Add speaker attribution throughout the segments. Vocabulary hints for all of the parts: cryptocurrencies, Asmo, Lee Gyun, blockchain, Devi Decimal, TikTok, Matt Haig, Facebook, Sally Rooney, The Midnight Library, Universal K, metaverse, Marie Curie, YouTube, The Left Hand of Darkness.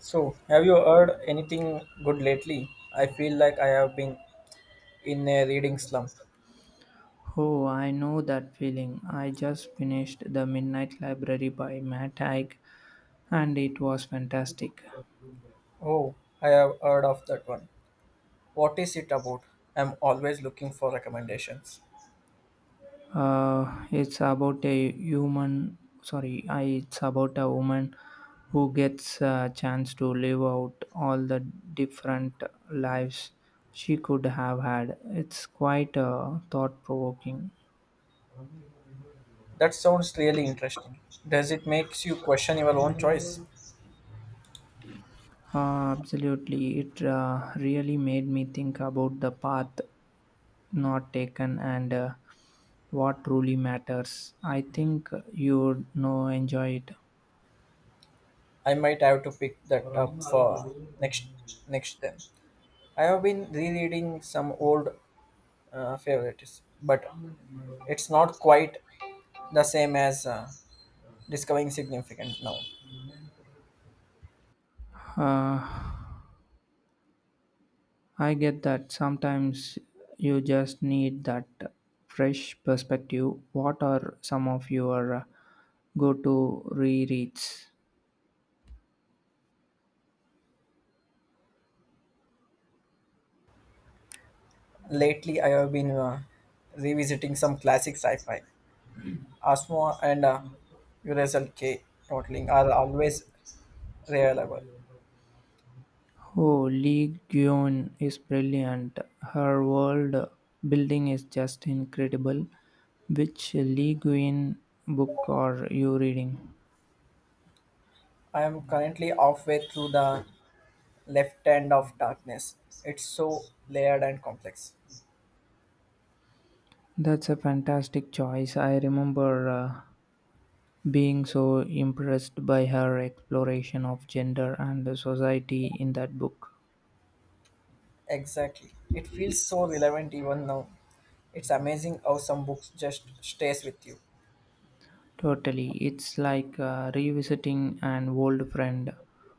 Speaker 1: So, have you heard anything good lately? I feel like I have been in a reading slump.
Speaker 2: Oh, I know that feeling. I just finished The Midnight Library by Matt Haig and it was fantastic.
Speaker 1: Oh, I have heard of that one. What is it about? I'm always looking for recommendations.
Speaker 2: It's about a human, sorry, it's about a woman who gets a chance to live out all the different lives she could have had. It's quite thought provoking.
Speaker 1: That sounds really interesting. Does it makes you question your own choice?
Speaker 2: Absolutely. It really made me think about the path not taken and what truly matters. I think you'd know enjoy it.
Speaker 1: I might have to pick that up for next next time. I have been rereading some old favorites, but it's not quite the same as discovering significant now.
Speaker 2: Uh, I get that sometimes you just need that fresh perspective. What are some of your go to rereads?
Speaker 1: Lately, I have been revisiting some classic sci-fi. Asmo and Universal K totaling are always reliable.
Speaker 2: Oh, Lee Gyun is brilliant. Her world building is just incredible. Which Lee Gyun book are you reading?
Speaker 1: I am currently halfway through the Left Hand of Darkness. It's so layered and complex.
Speaker 2: That's a fantastic choice. I remember being so impressed by her exploration of gender and the society in that book.
Speaker 1: Exactly. It feels so relevant even now. It's amazing how some books just stays with you.
Speaker 2: Totally. It's like revisiting an old friend.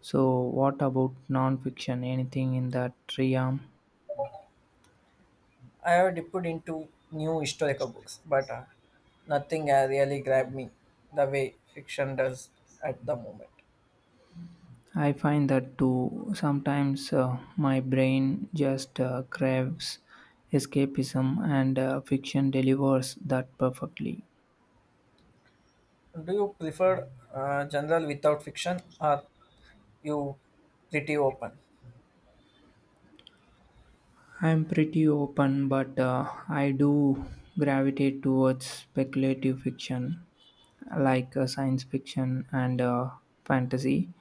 Speaker 2: So, what about nonfiction? Anything in that realm?
Speaker 1: I have dipped into new historical books, but nothing really grabbed me the way fiction does at the moment.
Speaker 2: I find that too. Sometimes my brain just craves escapism, and fiction delivers that perfectly.
Speaker 1: Do you prefer general without fiction or you pretty open?
Speaker 2: I'm pretty open, but I do gravitate towards speculative fiction, like science fiction and fantasy.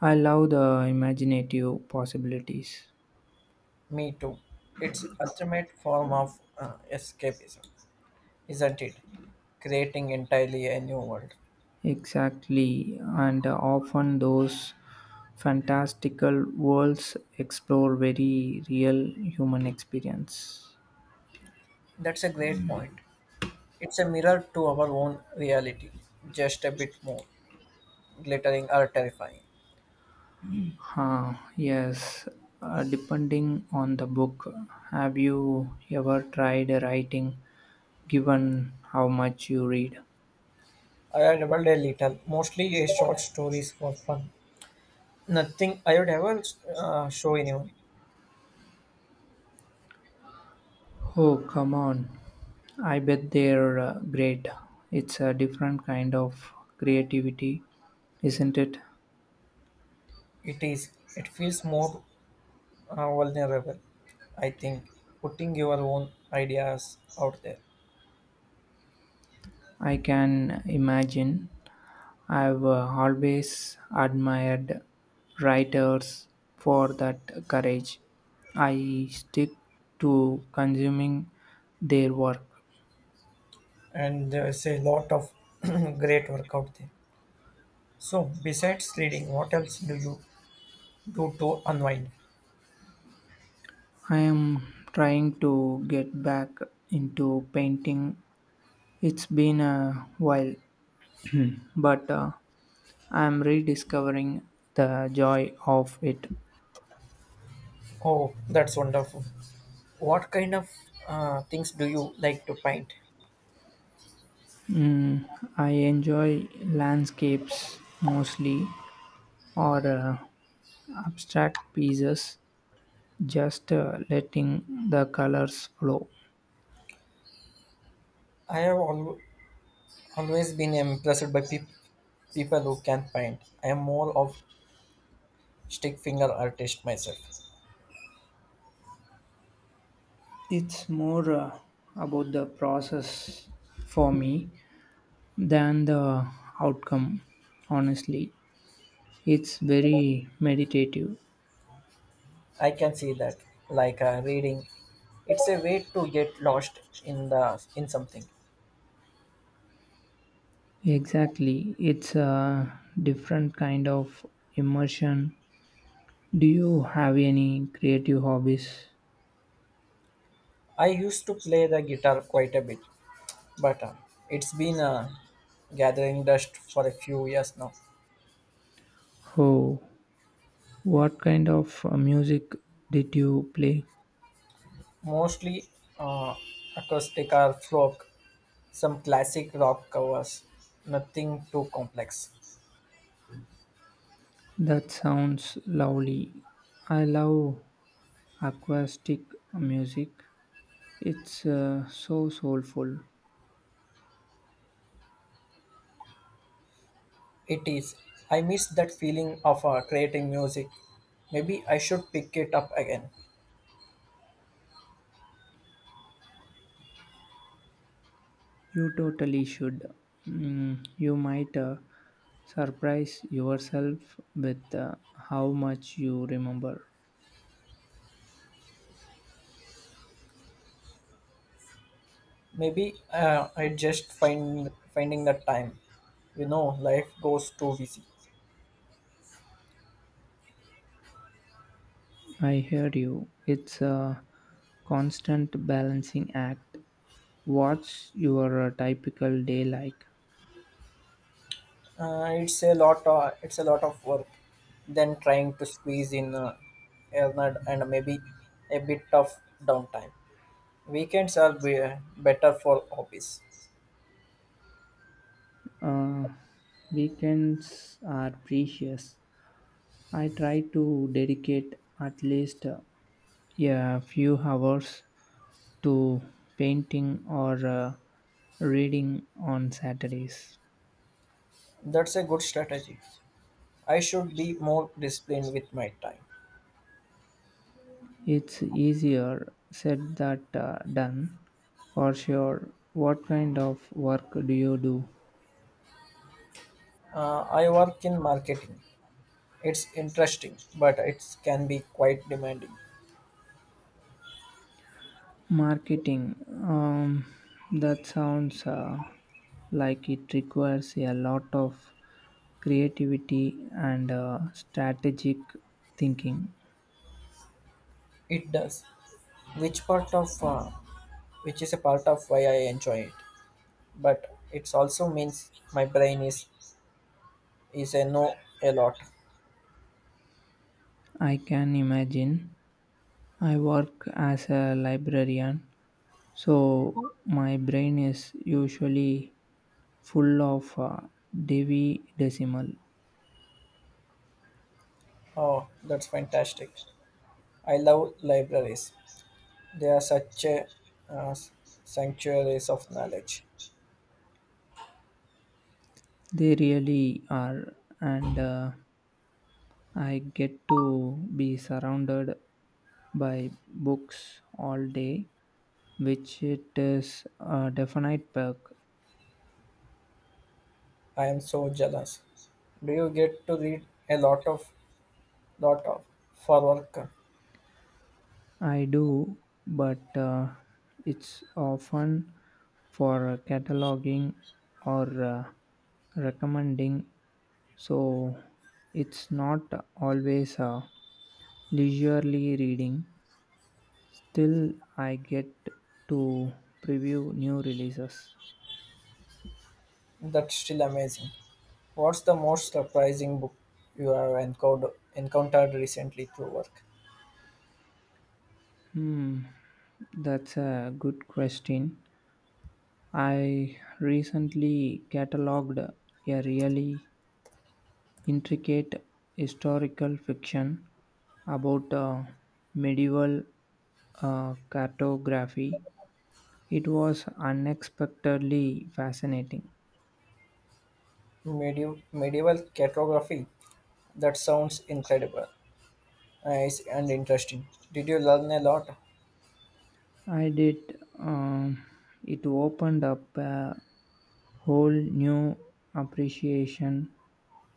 Speaker 2: I love the imaginative possibilities.
Speaker 1: Me too. It's ultimate form of escapism, isn't it? Creating entirely a new world.
Speaker 2: Exactly, and often those fantastical worlds explore very real human experience.
Speaker 1: That's a great point. It's a mirror to our own reality, just a bit more glittering or terrifying.
Speaker 2: Yes, depending on the book, have you ever tried writing given how much you read?
Speaker 1: I had dabbled a little, mostly a short stories for fun. Nothing I would ever show anyone.
Speaker 2: Oh, come on. I bet they're great. It's a different kind of creativity, isn't it?
Speaker 1: It is. It feels more vulnerable. I think putting your own ideas out there,
Speaker 2: I can imagine. I've always admired writers for that courage. I stick to consuming their work.
Speaker 1: and there's a lot of great work out there. So, besides reading, what else do you do to unwind?
Speaker 2: I am trying to get back into painting. It's been a while, but I'm rediscovering the joy of it.
Speaker 1: Oh, that's wonderful. What kind of things do you like to paint?
Speaker 2: Mm, I enjoy landscapes mostly or abstract pieces just letting the colors flow.
Speaker 1: I have al- always been impressed by people who can paint. I am more of stick finger artist myself.
Speaker 2: It's more about the process for me than the outcome, honestly. It's very meditative.
Speaker 1: I can see that, like reading, it's a way to get lost in the in something.
Speaker 2: Exactly. It's a different kind of immersion. Do you have any creative hobbies?
Speaker 1: I used to play the guitar quite a bit, but it's been gathering dust for a few years now.
Speaker 2: Oh, what kind of music did you play?
Speaker 1: Mostly uh, acoustic or folk, some classic rock covers, nothing too complex.
Speaker 2: That sounds lovely. I love acoustic music, it's so soulful.
Speaker 1: It is. I miss that feeling of creating music. Maybe I should pick it up again.
Speaker 2: You totally should. You might surprise yourself with how much you remember.
Speaker 1: Maybe I just finding the time. You know, life goes too busy.
Speaker 2: I hear you. It's a constant balancing act. What's your typical day like?
Speaker 1: It's a lot of work. Then trying to squeeze in Ernard and maybe a bit of downtime. Better for hobbies.
Speaker 2: uh, Weekends are precious. I try to dedicate at least yeah, a few hours to painting or reading on Saturdays.
Speaker 1: That's a good strategy. I should be more disciplined with my time.
Speaker 2: It's easier said than done for sure. What kind of work do you do?
Speaker 1: I work in marketing. It's interesting, but it can be quite demanding.
Speaker 2: Marketing. Um, that sounds like it requires a lot of creativity and strategic thinking.
Speaker 1: It does. Which part of uh, which is a part of why I enjoy it. But it also means my brain is a no a lot.
Speaker 2: I can imagine. I work as a librarian, so my brain is usually full of Devi Decimal.
Speaker 1: Oh, that's fantastic! I love libraries. They are such a uh, sanctuaries of knowledge.
Speaker 2: They really are, and I get to be surrounded by books all day, which it is a definite perk.
Speaker 1: I am so jealous. Do you get to read a lot of for work?
Speaker 2: I do, but it's often for cataloging or recommending, so it's not always. Leisurely reading. Still, I get to preview new releases.
Speaker 1: That's still amazing. What's the most surprising book you have encountered recently through work?
Speaker 2: Hmm, that's a good question. I recently catalogued a really intricate historical fiction about medieval cartography. It was unexpectedly fascinating.
Speaker 1: Medieval cartography. That sounds incredible, nice and interesting. Did you learn a lot?
Speaker 2: I did. It opened up a whole new appreciation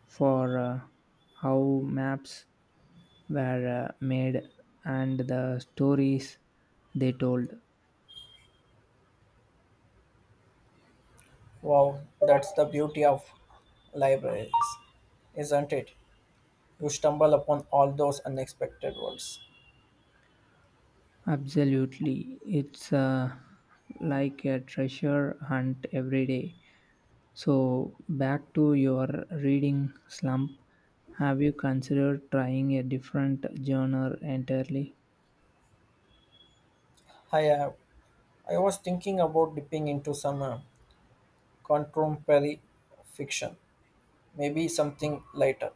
Speaker 2: for how maps were made and the stories they told.
Speaker 1: Wow, that's the beauty of libraries, isn't it? You stumble upon all those unexpected words.
Speaker 2: Absolutely. It's like a treasure hunt every day. So, back to your reading slump, have you considered trying a different genre entirely?
Speaker 1: Hi, I was thinking about dipping into some contemporary fiction, maybe something lighter.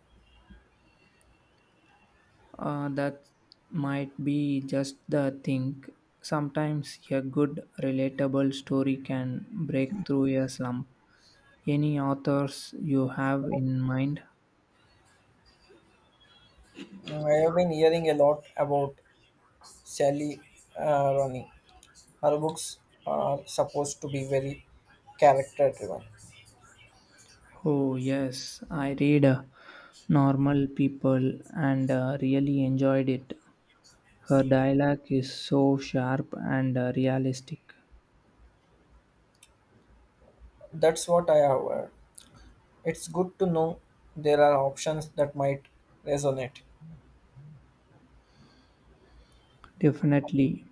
Speaker 2: That might be just the thing. Sometimes a good, relatable story can break through a slump. Any authors you have in mind?
Speaker 1: Mm, I have been hearing a lot about Sally Rooney. Her books are supposed to be very character driven.
Speaker 2: Oh, yes, I read Normal People and really enjoyed it. Her dialogue is so sharp and realistic.
Speaker 1: That's what I have heard. It's good to know there are options that might resonate.
Speaker 2: Definitely.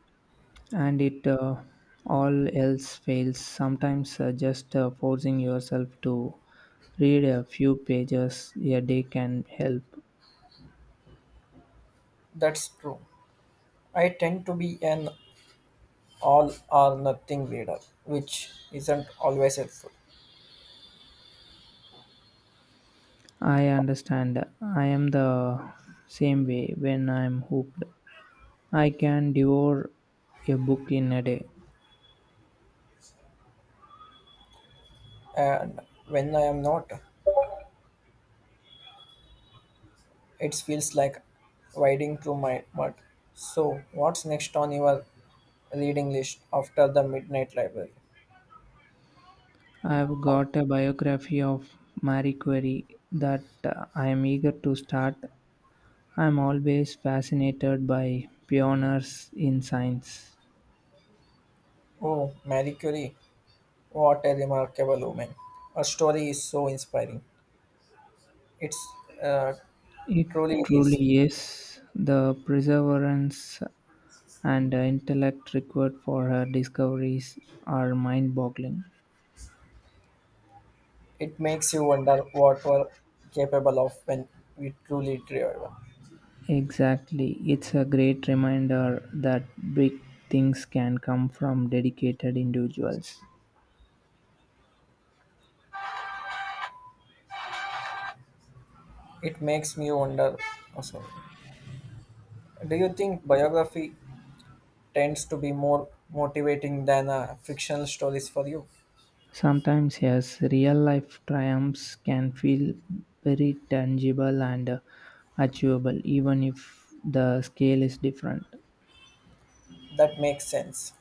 Speaker 2: And it all else fails sometimes just forcing yourself to read a few pages a day can help.
Speaker 1: That's true. I tend to be an all or nothing reader, which isn't always helpful.
Speaker 2: I understand. I am the same way. When I'm hooked I can devour a book in a day.
Speaker 1: And when I am not, it feels like wading through my mud. So, what's next on your reading list after the Midnight Library?
Speaker 2: I've got a biography of Marie Curie that I am eager to start. I'm always fascinated by pioneers in science.
Speaker 1: Oh, Marie Curie, what a remarkable woman. Her story is so inspiring. It's uh,
Speaker 2: It
Speaker 1: truly is.
Speaker 2: truly is. The perseverance and intellect required for her discoveries are mind boggling.
Speaker 1: It makes you wonder what we're capable of when we truly drive.
Speaker 2: Exactly. It's a great reminder that big things can come from dedicated individuals.
Speaker 1: It makes me wonder. Oh, sorry. Do you think biography tends to be more motivating than fictional stories for you?
Speaker 2: Sometimes, yes, real life triumphs can feel very tangible and achievable, even if the scale is different.
Speaker 1: That makes sense.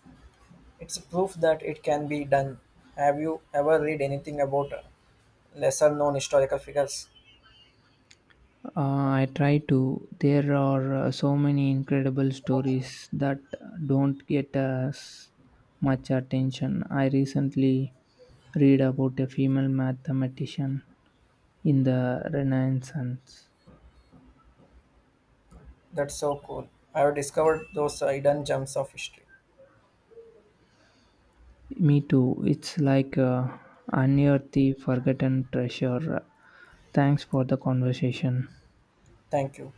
Speaker 1: It's proof that it can be done. Have you ever read anything about lesser known historical figures?
Speaker 2: I try to. There are so many incredible stories that don't get as much attention. I recently read about a female mathematician in the Renaissance.
Speaker 1: That's so cool. I have discovered those hidden gems of history.
Speaker 2: Me too. It's like unearthing forgotten treasure. Thanks for the conversation.
Speaker 1: Thank you.